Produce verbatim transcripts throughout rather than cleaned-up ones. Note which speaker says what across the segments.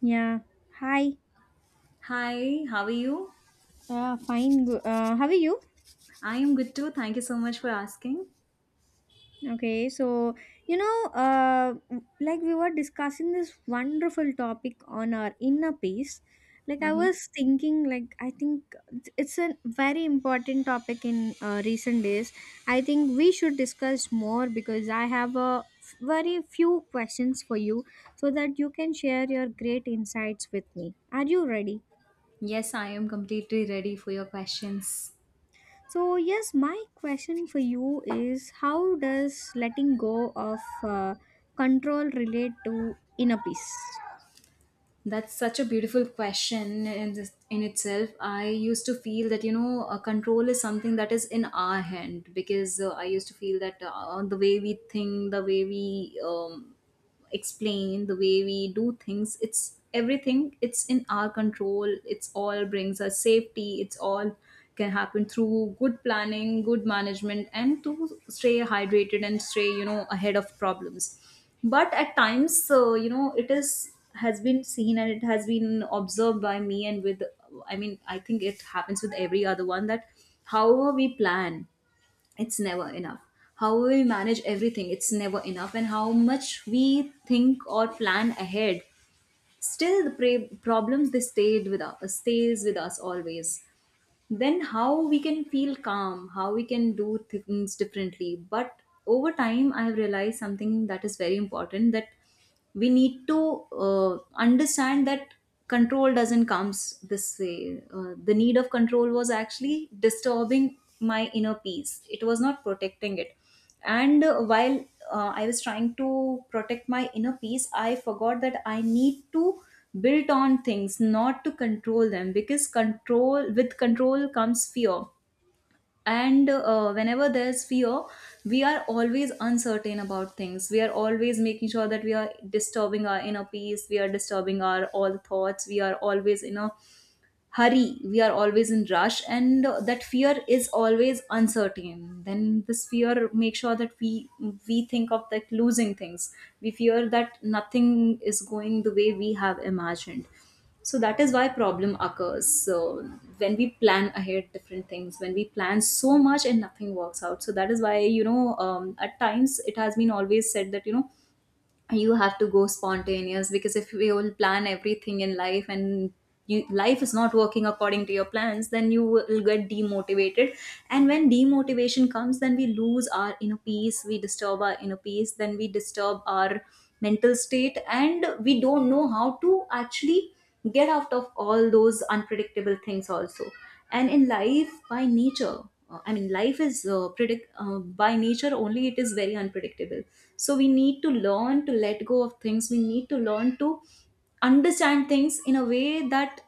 Speaker 1: Yeah. Hi.
Speaker 2: Hi, how are you?
Speaker 1: Uh, fine. Go- Uh, how are you?
Speaker 2: I am good too. Thank you so much for asking.
Speaker 1: Okay. So, you know, uh, like we were discussing this wonderful topic on our inner peace. Like I
Speaker 2: hmm
Speaker 1: was thinking, like I think it's it's a very important topic in uh, recent days. I think we should discuss more because I have a f- very few questions for you so that you can share your great insights with me. Are you ready?
Speaker 2: Yes, I am completely ready for your questions.
Speaker 1: So, yes, my question for you is how does letting go of uh, control relate to inner peace?
Speaker 2: That's such a beautiful question in, this, in itself. I used to feel that, you know, uh, control is something that is in our hand because uh, I used to feel that uh, the way we think, the way we um, explain, the way we do things, it's everything, it's in our control, it's all brings us safety, it's all can happen through good planning, good management, and to stay hydrated and stay, you know, ahead of problems. But at times, uh, you know, it is has been seen and it has been observed by me, and with, i mean I think it happens with every other one, that however we plan, it's never enough, how we manage everything, it's never enough, and how much we think or plan ahead, still the pra- problems, they stayed with us stays with us always. Then how we can feel calm, how we can do things differently? But over time I have realized something that is very important, that we need to uh, understand that control doesn't comes this way. Uh, the need of control was actually disturbing my inner peace, it was not protecting it. And uh, while uh, I was trying to protect my inner peace, I forgot that I need to build on things, not to control them, because control with control comes fear. And uh, whenever there's fear, we are always uncertain about things, we are always making sure that we are disturbing our inner peace, we are disturbing our all thoughts, we are always in a hurry, we are always in rush. And uh, that fear is always uncertain. Then this fear makes sure that we we think of like losing things, we fear that nothing is going the way we have imagined. So that is why problem occurs. So when we plan ahead different things, when we plan so much and nothing works out, so that is why, you know, um, at times it has been always said that, you know, you have to go spontaneous. Because if we all plan everything in life, and you, life is not working according to your plans, then you will get demotivated. And when demotivation comes, then we lose our inner peace, we disturb our inner peace, then we disturb our mental state, and we don't know how to actually get out of all those unpredictable things also. And in life, by nature, uh, i mean life is uh, predict uh, by nature only, it is very unpredictable. So we need to learn to let go of things, we need to learn to understand things in a way that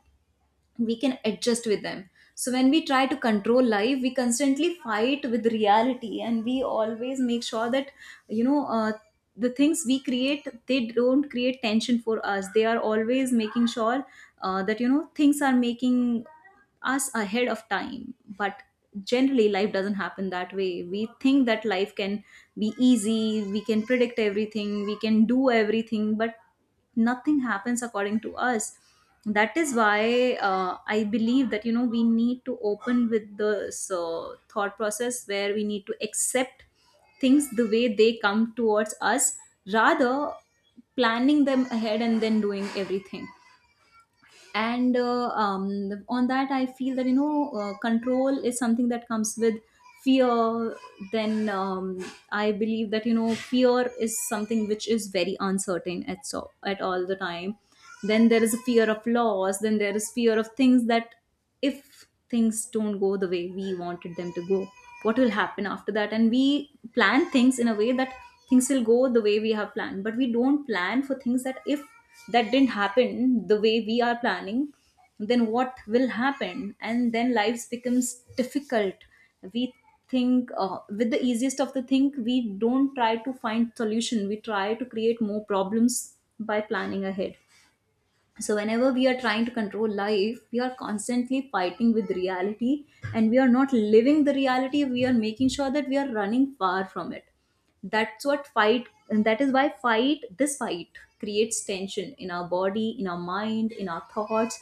Speaker 2: we can adjust with them. So when we try to control life, we constantly fight with reality, and we always make sure that, you know, uh, the things we create, they don't create tension for us, they are always making sure uh, that, you know, things are making us ahead of time. But generally life doesn't happen that way. We think that life can be easy, we can predict everything, we can do everything, but nothing happens according to us. That is why, uh, I believe that, you know, we need to open with this uh, thought process where we need to accept things the way they come towards us, rather planning them ahead and then doing everything. And uh, um, on that I feel that, you know, uh, control is something that comes with fear. Then um, I believe that, you know, fear is something which is very uncertain at, so at all the time. Then there is a fear of loss, then there is fear of things that, if if things don't go the way we wanted them to go, what will happen after that. And we plan things in a way that things will go the way we have planned, but we don't plan for things that if that didn't happen the way we are planning, then what will happen. And then lives becomes difficult. We think, uh, with the easiest of the thing, we don't try to find solution, we try to create more problems by planning ahead. So whenever we are trying to control life, we are constantly fighting with reality, and we are not living the reality, we are making sure that we are running far from it. That's what fight, and that is why fight, this fight creates tension in our body, in our mind, in our thoughts.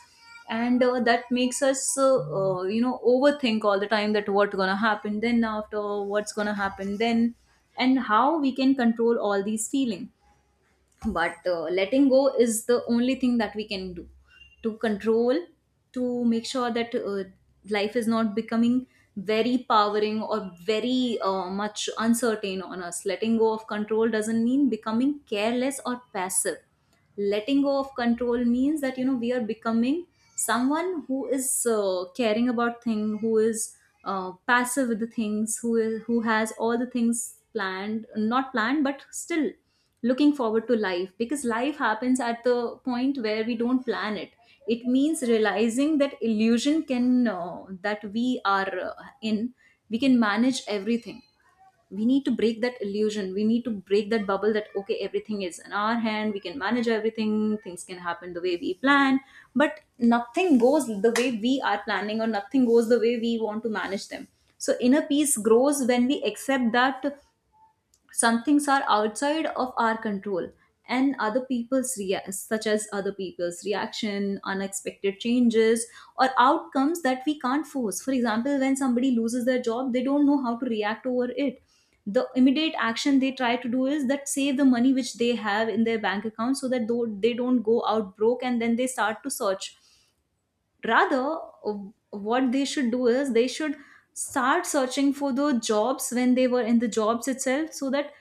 Speaker 2: And uh, that makes us uh, uh, you know, overthink all the time, that what's gonna happen then after, what's gonna happen then, and how we can control all these feelings. But uh, letting go is the only thing that we can do, to control, to make sure that, uh, life is not becoming very powering or very uh, much uncertain on us. Letting go of control doesn't mean becoming careless or passive. Letting go of control means that, you know, we are becoming someone who is uh, caring about thing, who is uh, passive with the things, who is, who has all the things planned, not planned, but still looking forward to life, because life happens at the point where we don't plan it. It means realizing that illusion can uh, that we are uh, in, we can manage everything. We need to break that illusion, we need to break that bubble that, okay, everything is in our hand, we can manage everything, things can happen the way we plan. But nothing goes the way we are planning, or nothing goes the way we want to manage them. So inner peace grows when we accept that some things are outside of our control, and other people's rea- such as other people's reaction, unexpected changes, or outcomes that we can't force. For example, when somebody loses their job, they don't know how to react over it. The immediate action they try to do is that save the money which they have in their bank account, so that though they don't go out broke, and then they start to search. Rather, w- what they should do is they should start searching for the jobs when they were in the jobs itself, so that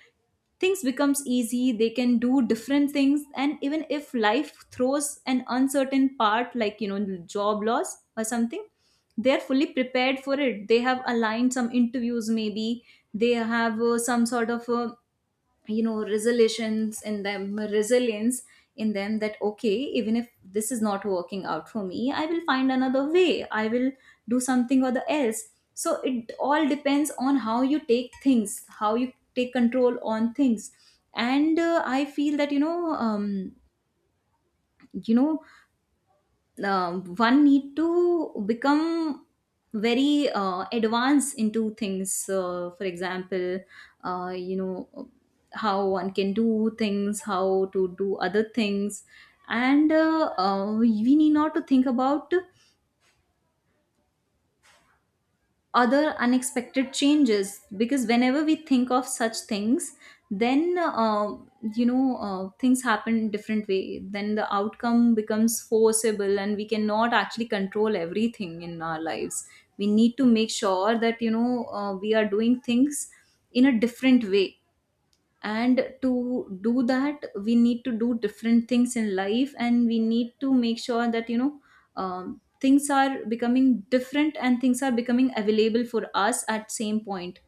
Speaker 2: things becomes easy, they can do different things. And even if life throws an uncertain part, like, you know, job loss or something, they're fully prepared for it, they have aligned some interviews, maybe they have uh, some sort of, uh, you know, resolutions in them, resilience in them, that okay, even if this is not working out for me, I will find another way, I will do something or the else. So it all depends on how you take things, how you take control on things. And uh, I feel that, you know um, you know um, one need to become very uh, advanced into things. Uh, for example, uh, you know, how one can do things, how to do other things. And uh, uh, we need not to think about other unexpected changes, because whenever we think of such things, then uh, you know, uh, things happen in different way, then the outcome becomes forcible, and we cannot actually control everything in our lives. We need to make sure that, you know, uh, we are doing things in a different way. And to do that, we need to do different things in life, and we need to make sure that, you know, um, things are becoming different, and things are becoming available for us at same point.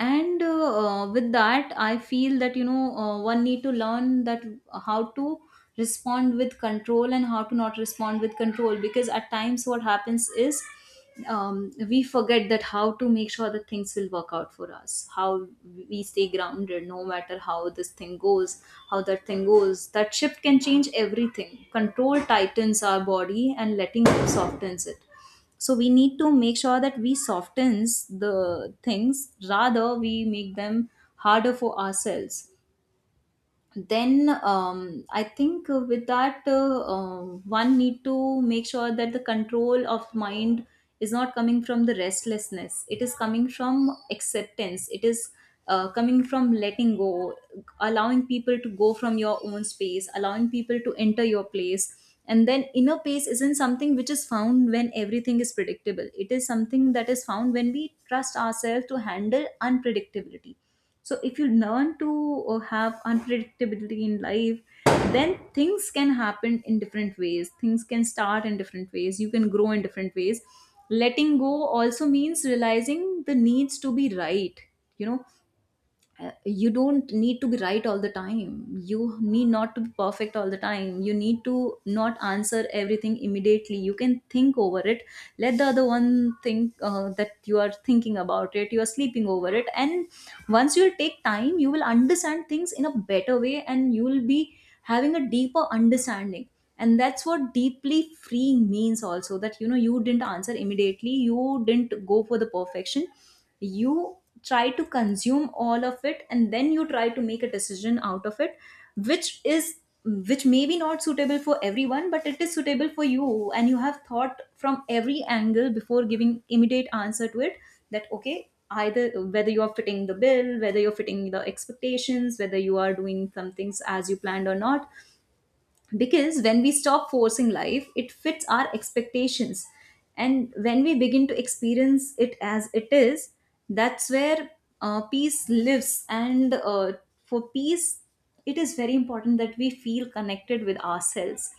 Speaker 2: And uh, uh, with that I feel that, you know, uh, one need to learn that how to respond with control and how to not respond with control. Because at times what happens is, um, we forget that how to make sure that things will work out for us, how we stay grounded no matter how this thing goes, how that thing goes. That shift can change everything. Control tightens our body, and letting go softens it. So we need to make sure that we softens the things, rather we make them harder for ourselves. Then um, I think uh, with that uh, uh, one need to make sure that the control of mind is not coming from the restlessness, it is coming from acceptance, it is uh, coming from letting go, allowing people to go from your own space, allowing people to enter your place. And then inner peace isn't something which is found when everything is predictable, it is something that is found when we trust ourselves to handle unpredictability. So if you learn to uh, have unpredictability in life, then things can happen in different ways, things can start in different ways, you can grow in different ways. Letting go also means realizing the needs to be right. You know, uh, you don't need to be right all the time. You need not to be perfect all the time. You need to not answer everything immediately. You can think over it. Let the other one think uh, that you are thinking about it, you are sleeping over it, and once you take time you will understand things in a better way, and you will be having a deeper understanding. And that's what deeply freeing means also, that you know, you didn't answer immediately, you didn't go for the perfection, you try to consume all of it and then you try to make a decision out of it, which is, which may be not suitable for everyone, but it is suitable for you, and you have thought from every angle before giving immediate answer to it, that okay, either whether you are fitting the bill, whether you're fitting the expectations, whether you are doing some things as you planned or not. Because when we stop forcing life, it fits our expectations, and when we begin to experience it as it is, that's where uh, peace lives. And uh, for peace, it is very important that we feel connected with ourselves.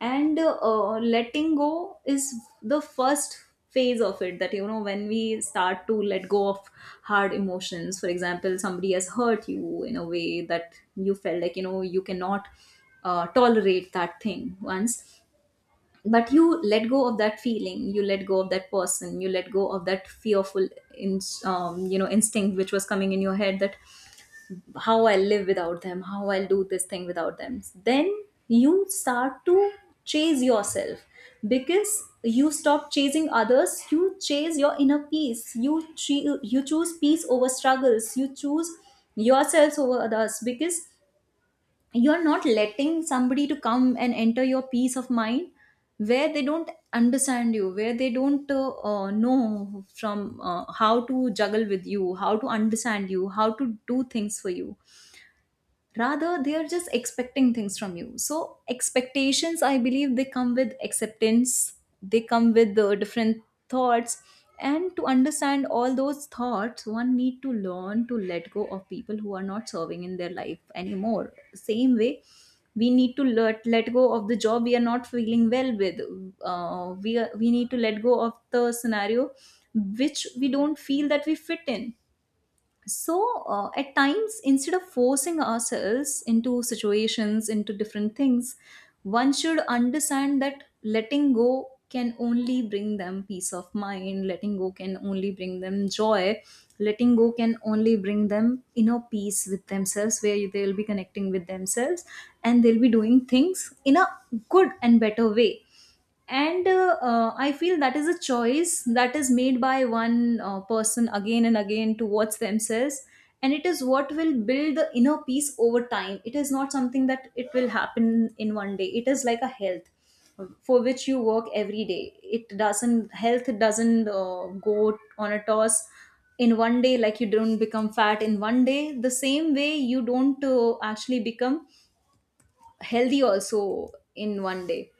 Speaker 2: And uh, letting go is the first phase of it, that you know, when we start to let go of hard emotions, for example, somebody has hurt you in a way that you felt like you know you cannot uh, tolerate that thing once, but you let go of that feeling, you let go of that person, you let go of that fearful in, um, you know, instinct which was coming in your head that how I'll live without them, how I'll do this thing without them. Then you start to chase yourself, because you stop chasing others, you chase your inner peace. You tre- you choose peace over struggles. You choose yourselves over others, because you're not letting somebody to come and enter your peace of mind where they don't understand you, where they don't uh, uh, know from uh, how to juggle with you, how to understand you, how to do things for you, rather they are just expecting things from you. So expectations, I believe they come with acceptance, they come with the different thoughts. And to understand all those thoughts, one need to learn to let go of people who are not serving in their life anymore. Same way, we need to let, let go of the job we are not feeling well with. Uh, we are, we need to let go of the scenario which we don't feel that we fit in. So uh, at times, instead of forcing ourselves into situations, into different things, one should understand that letting go can only bring them peace of mind, letting go can only bring them joy, letting go can only bring them inner peace with themselves, where they'll be connecting with themselves, and they'll be doing things in a good and better way. And uh, uh, I feel that is a choice that is made by one uh, person again and again towards themselves, and it is what will build the inner peace over time. It is not something that it will happen in one day. It is like a health for which you work every day. It doesn't, health doesn't uh, go on a toss in one day, like you don't become fat in one day, the same way you don't uh, actually become healthy also in one day.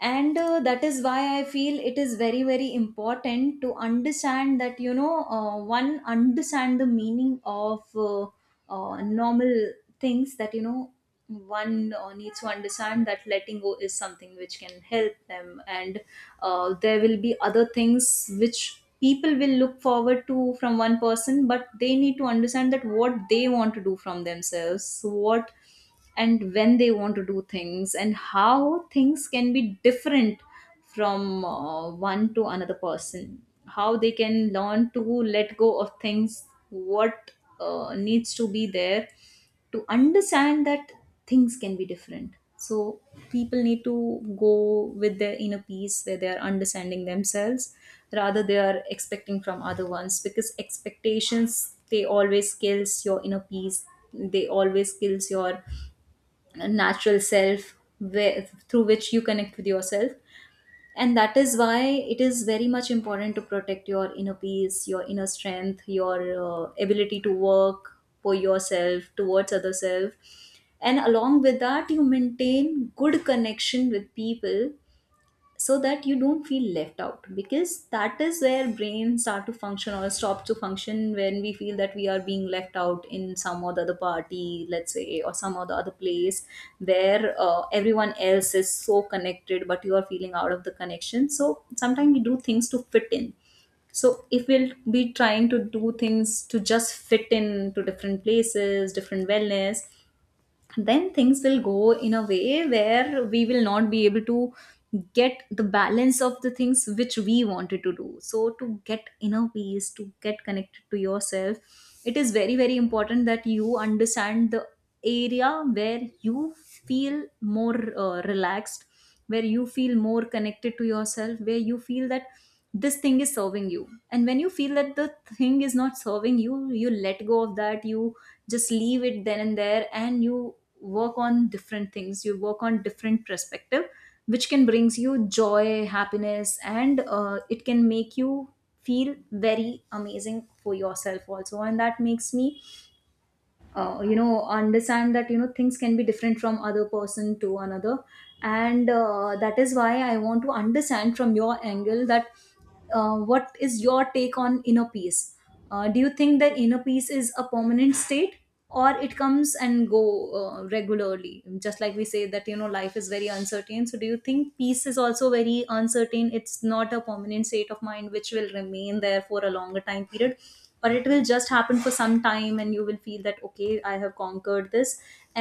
Speaker 2: And uh, that is why I feel it is very very important to understand that you know, uh, one understand the meaning of uh, uh, normal things, that you know, one uh, needs to understand that letting go is something which can help them. And uh, there will be other things which people will look forward to from one person, but they need to understand that what they want to do from themselves, what and when they want to do things, and how things can be different from uh, one to another person, how they can learn to let go of things, what uh, needs to be there to understand that things can be different. So people need to go with their inner peace, where they are understanding themselves, rather they are expecting from other ones, because expectations, they always kills your inner peace, they always kills your natural self, where, through which you connect with yourself. And that is why it is very much important to protect your inner peace, your inner strength, your uh, ability to work for yourself towards other self, and along with that you maintain good connection with people, so that you don't feel left out. Because that is where brains start to function or stop to function, when we feel that we are being left out in some other other party, let's say, or some other other place, where uh, everyone else is so connected but you are feeling out of the connection. So sometimes we do things to fit in. So if we'll be trying to do things to just fit in, to different places, different wellness, then things will go in a way where we will not be able to get the balance of the things which we wanted to do. So to get inner peace, to get connected to yourself, it is very very important that you understand the area where you feel more uh, relaxed, where you feel more connected to yourself, where you feel that this thing is serving you. And when you feel that the thing is not serving you, you let go of that, you just leave it then and there, and you work on different things, you work on different perspective, which can brings you joy, happiness, and uh, it can make you feel very amazing for yourself also. And that makes me uh, you know, understand that you know, things can be different from other person to another. And uh, that is why I want to understand from your angle that uh, what is your take on inner peace? Uh, do you think that inner peace is a permanent state, or it comes and go uh, regularly? Just like we say that you know, life is very uncertain, so do you think peace is also very uncertain? It's not a permanent state of mind which will remain there for a longer time period, or it will just happen for some time and you will feel that okay, I have conquered this,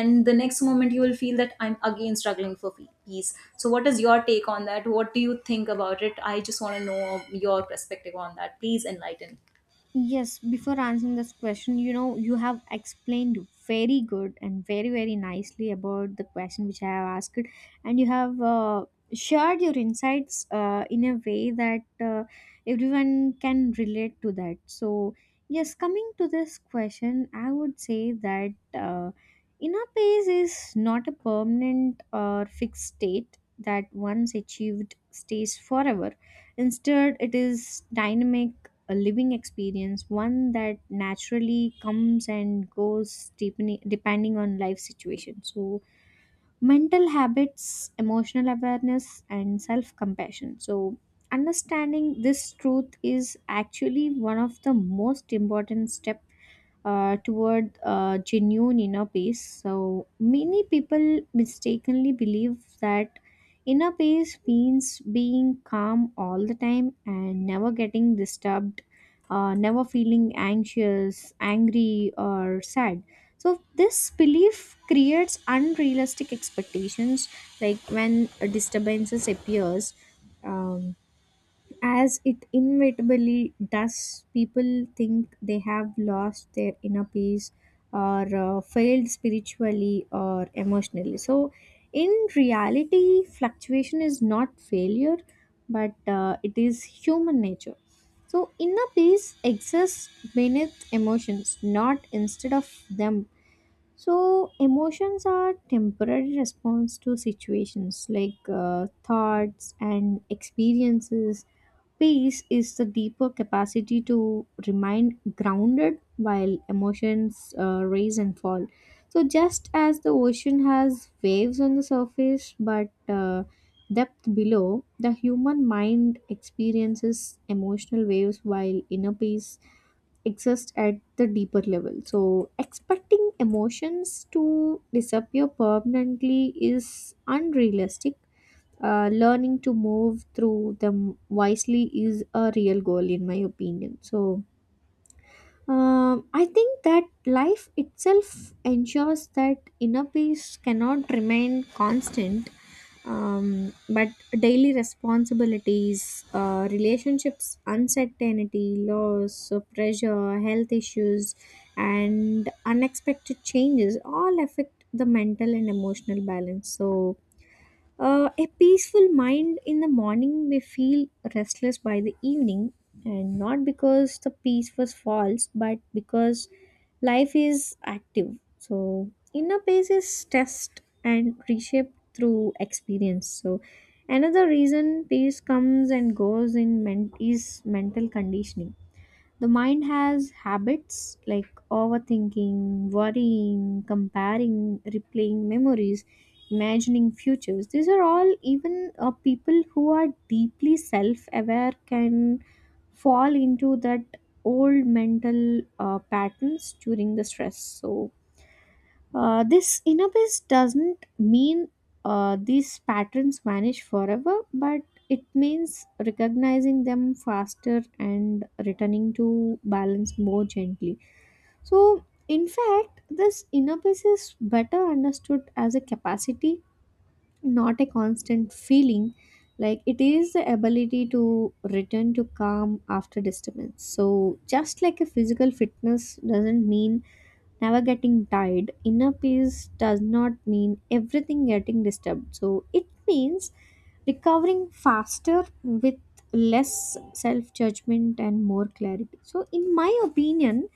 Speaker 2: and the next moment you will feel that I'm again struggling for pe- peace. So what is your take on that? What do you think about it? I just want to know your perspective on that. Please enlighten.
Speaker 1: Yes, before answering this question, you know, you have explained very good and very, very nicely about the question which I have asked, and you have uh, shared your insights uh, in a way that uh, everyone can relate to that. So, yes, coming to this question, I would say that uh, inner peace is not a permanent or fixed state that once achieved stays forever. Instead, it is dynamic, a living experience, one that naturally comes and goes deepening, depending on life situation. So, mental habits, emotional awareness, and self compassion. So, understanding this truth is actually one of the most important step uh, toward uh, genuine inner peace. So many people mistakenly believe that inner peace means being calm all the time and never getting disturbed, uh, never feeling anxious, angry, or sad. So this belief creates unrealistic expectations. Like when a disturbances appears, um, as it inevitably does, people think they have lost their inner peace or uh, failed spiritually or emotionally. So, in reality, fluctuation is not failure, but uh, it is human nature. So, inner peace exists beneath emotions, not instead of them. So, emotions are temporary response to situations like uh, thoughts and experiences. Peace is the deeper capacity to remain grounded while emotions uh, rise and fall. So, just as the ocean has waves on the surface but uh, depth below, the human mind experiences emotional waves while inner peace exists at the deeper level. So, expecting emotions to disappear permanently is unrealistic. Uh, learning to move through them wisely is a real goal in my opinion. So um, I think that life itself ensures that inner peace cannot remain constant. Um, but daily responsibilities, uh, relationships, uncertainty, loss, uh, pressure, health issues and unexpected changes all affect the mental and emotional balance. So uh, a peaceful mind in the morning may feel restless by the evening, and not because the peace was false, but because life is active. So, inner peace is test and reshaped through experience. So, another reason peace comes and goes in men- is mental conditioning. The mind has habits like overthinking, worrying, comparing, replaying memories, imagining futures. These are all, even uh, people who are deeply self aware can fall into that old mental uh, patterns during the stress. So, uh, this inner peace doesn't mean uh, these patterns vanish forever, but it means recognizing them faster and returning to balance more gently. So, in fact, this inner peace is better understood as a capacity, not a constant feeling. Like it is the ability to return to calm after disturbance. So, just like a physical fitness doesn't mean never getting tired, inner peace does not mean everything getting disturbed. So it means recovering faster with less self judgment and more clarity. So in my opinion,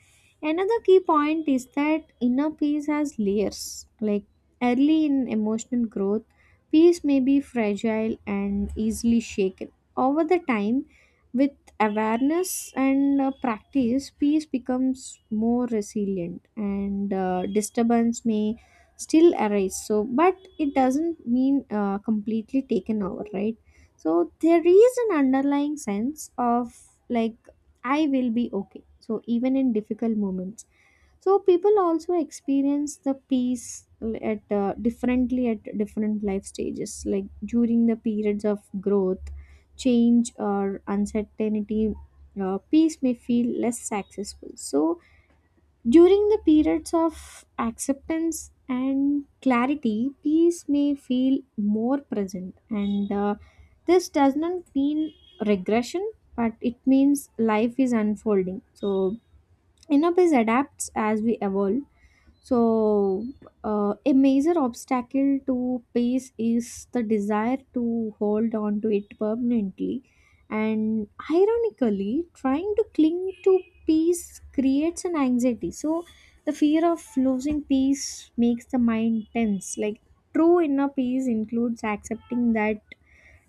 Speaker 1: another key point is that inner peace has layers. Like early in emotional growth, peace may be fragile and easily shaken. Over the time, with with awareness and uh, practice, peace becomes more resilient and uh, disturbance may still arise. So, but it doesn't mean uh, completely taken over, right? So, there is an underlying sense of, like, I will be okay. So, even in difficult moments, so people also experience the peace at uh, differently at different life stages. Like during the periods of growth, change or uncertainty, uh, peace may feel less successful. So during the periods of acceptance and clarity, peace may feel more present. And uh, this does not mean regression, but it means life is unfolding. So enough is adapts as we evolve. So, uh, a major obstacle to peace is the desire to hold on to it permanently. And ironically, trying to cling to peace creates an anxiety. So, the fear of losing peace makes the mind tense. Like, true inner peace includes accepting that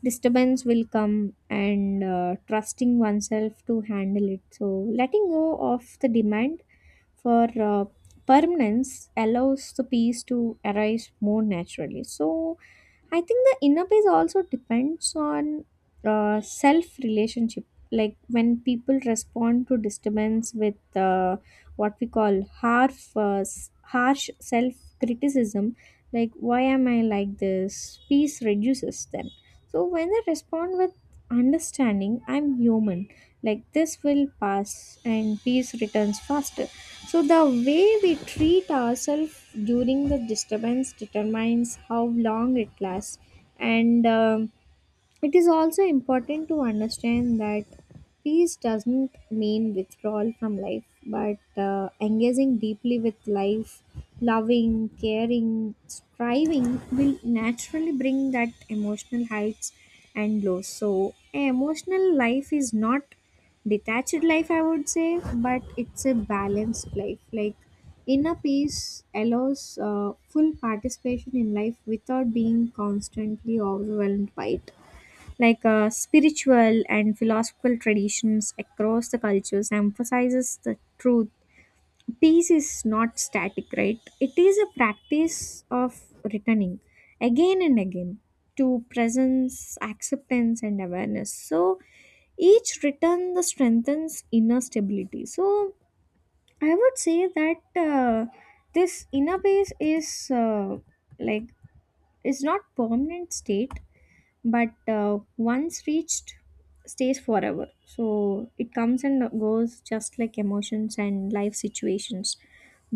Speaker 1: disturbance will come and uh, trusting oneself to handle it. So letting go of the demand for uh, permanence allows the peace to arise more naturally. So I think the inner peace also depends on uh, self relationship. Like when people respond to disturbance with uh, what we call harsh, uh, s- harsh self criticism, like why am I like this? Peace reduces then. So when they respond with understanding, I'm human. Like this will pass, and peace returns faster. So the way we treat ourselves during the disturbance determines how long it lasts, and um it is also important to understand that peace doesn't mean withdrawal from life, but uh, engaging deeply with life, loving, caring, striving will naturally bring that emotional heights and lows. So, a emotional life is not detached life, I would say, but it's a balanced life. Like inner peace allows uh, full participation in life without being constantly overwhelmed by it. Like uh, spiritual and philosophical traditions across the cultures emphasizes the truth, peace is not static, right? It is a practice of returning again and again to presence, acceptance and awareness. So each return the strengthens inner stability. So I would say that uh, this inner peace is, uh, like is not permanent state but uh, once reached stays forever. So it comes and goes just like emotions and life situations,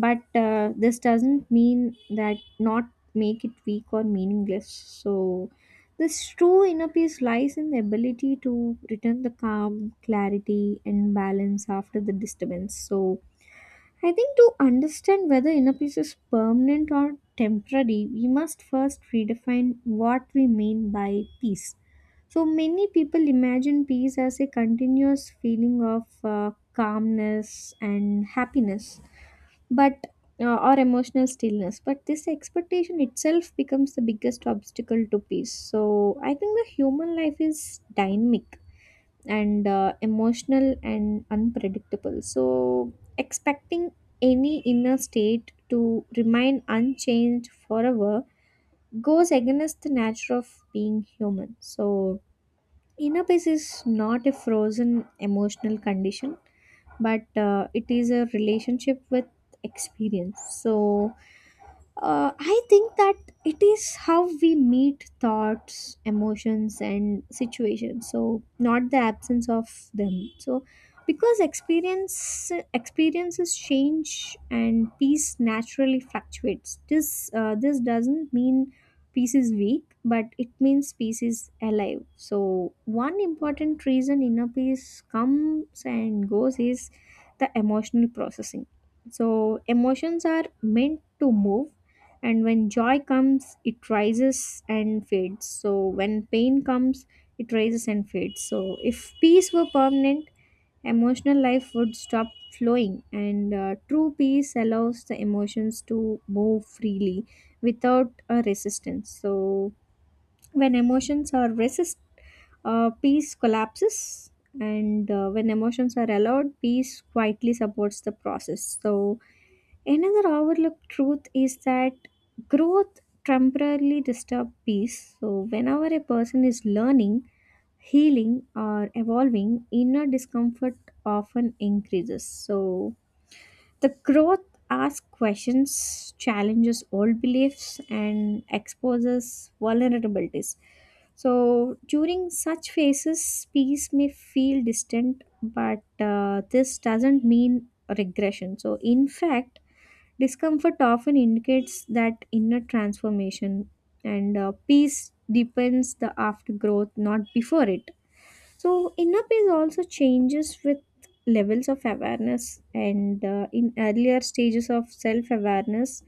Speaker 1: but uh, this doesn't mean that not make it weak or meaningless. So this true inner peace lies in the ability to return the calm, clarity and balance after the disturbance. So I think to understand whether inner peace is permanent or temporary, we must first redefine what we mean by peace. So, many people imagine peace as a continuous feeling of uh, calmness and happiness, but uh, or emotional stillness. But this expectation itself becomes the biggest obstacle to peace. So, I think the human life is dynamic and uh, emotional and unpredictable. So, expecting any inner state to remain unchanged forever goes against the nature of being human. So, inner peace is not a frozen emotional condition, but uh, it is a relationship with experience. So, uh, I think that it is how we meet thoughts, emotions, and situations. So not the absence of them. So because experience experiences change and peace naturally fluctuates. This uh, this doesn't mean peace is weak, but it means peace is alive. So one important reason inner peace comes and goes is the emotional processing. So emotions are meant to move, and when joy comes it rises and fades. So when pain comes, it rises and fades. So if peace were permanent, emotional life would stop flowing. And uh, true peace allows the emotions to move freely without a resistance. So when emotions are resist, uh, peace collapses. And uh, when emotions are allowed, peace quietly supports the process. So another overlooked truth is that growth temporarily disturbs peace. So, whenever a person is learning, healing, or evolving, inner discomfort often increases. So, the growth asks questions, challenges old beliefs, and exposes vulnerabilities. So, during such phases, peace may feel distant, but uh, this doesn't mean regression. So, in fact, discomfort often indicates that inner transformation, and uh, peace depends the aftergrowth, not before it. So inner peace also changes with levels of awareness, and uh, in earlier stages of self awareness,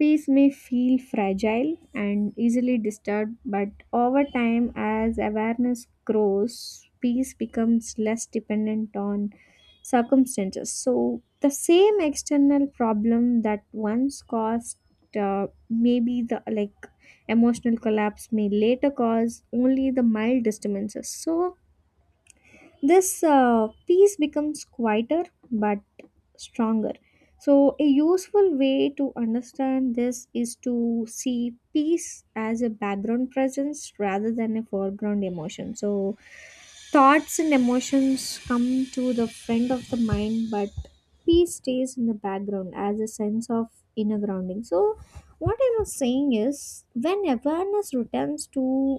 Speaker 1: peace may feel fragile and easily disturbed, but over time, as awareness grows, peace becomes less dependent on circumstances. So, the same external problem that once caused uh, maybe the like emotional collapse may later cause only the mild disturbances. So, this uh, peace becomes quieter but stronger. So, a useful way to understand this is to see peace as a background presence rather than a foreground emotion. So, thoughts and emotions come to the front of the mind, but peace stays in the background as a sense of inner grounding. So, what I was saying is when awareness returns to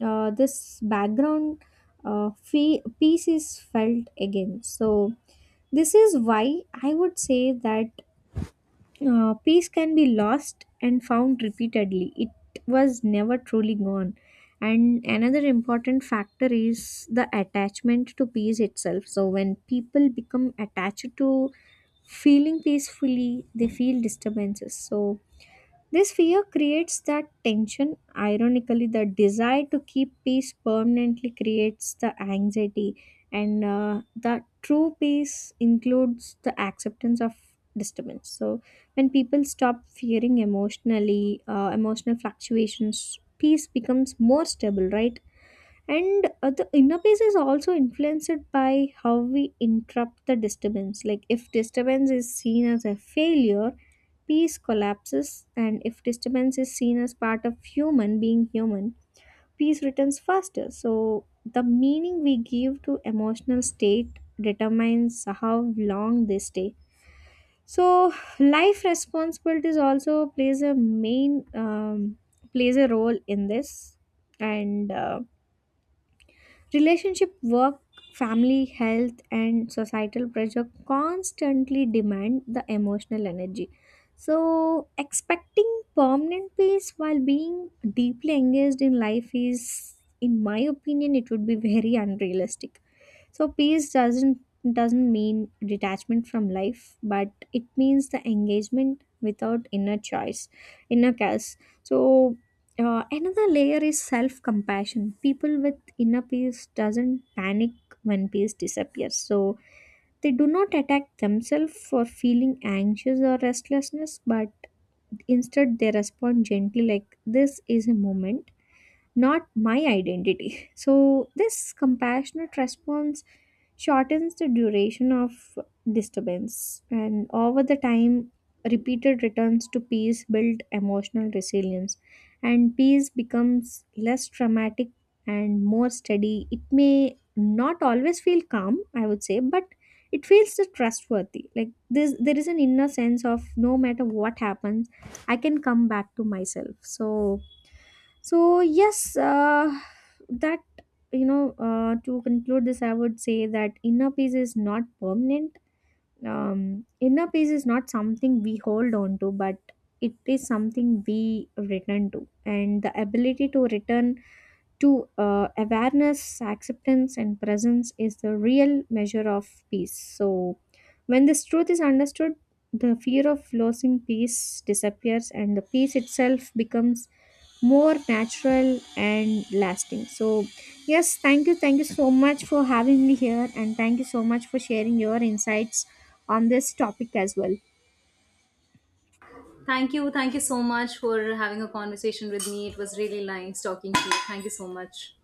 Speaker 1: uh, this background, uh, fe- peace is felt again. So, this is why I would say that uh, peace can be lost and found repeatedly. It was never truly gone. And another important factor is the attachment to peace itself. So, when people become attached to feeling peacefully, they feel disturbances. So, this fear creates that tension. Ironically, the desire to keep peace permanently creates the anxiety, and uh, the true peace includes the acceptance of disturbance. So, when people stop fearing emotionally, uh, emotional fluctuations, peace becomes more stable, right? And uh, the inner peace is also influenced by how we interrupt the disturbance. Like if disturbance is seen as a failure, peace collapses, and if disturbance is seen as part of human being human, peace returns faster. So the meaning we give to emotional state determines how long they stay. So life responsibilities also plays a main, um, plays a role in this. And uh, relationship, work, family, health, and societal pressure constantly demand the emotional energy. So, expecting permanent peace while being deeply engaged in life is, in my opinion, it would be very unrealistic. So peace doesn't doesn't mean detachment from life, but it means the engagement without inner choice, inner chaos. So uh, another layer is self compassion. People with inner peace doesn't panic when peace disappears. So they do not attack themselves for feeling anxious or restlessness, but instead they respond gently like this is a moment, not my identity. So, this compassionate response shortens the duration of disturbance, and over the time, repeated returns to peace build emotional resilience, and peace becomes less traumatic and more steady. It may not always feel calm, I would say, but it feels the trustworthy. Like this, there is an inner sense of no matter what happens, I can come back to myself. So so yes, uh, that you know, uh, to conclude this, I would say that inner peace is not permanent. Um, inner peace is not something we hold on to, but it is something we return to, and the ability to return to uh, awareness, acceptance, and presence is the real measure of peace. So when this truth is understood, the fear of losing peace disappears, and the peace itself becomes more natural and lasting. So yes, thank you, thank you so much for having me here, and thank you so much for sharing your insights on this topic as well.
Speaker 2: Thank you. Thank you so much for having a conversation with me. It was really nice talking to you. Thank you so much.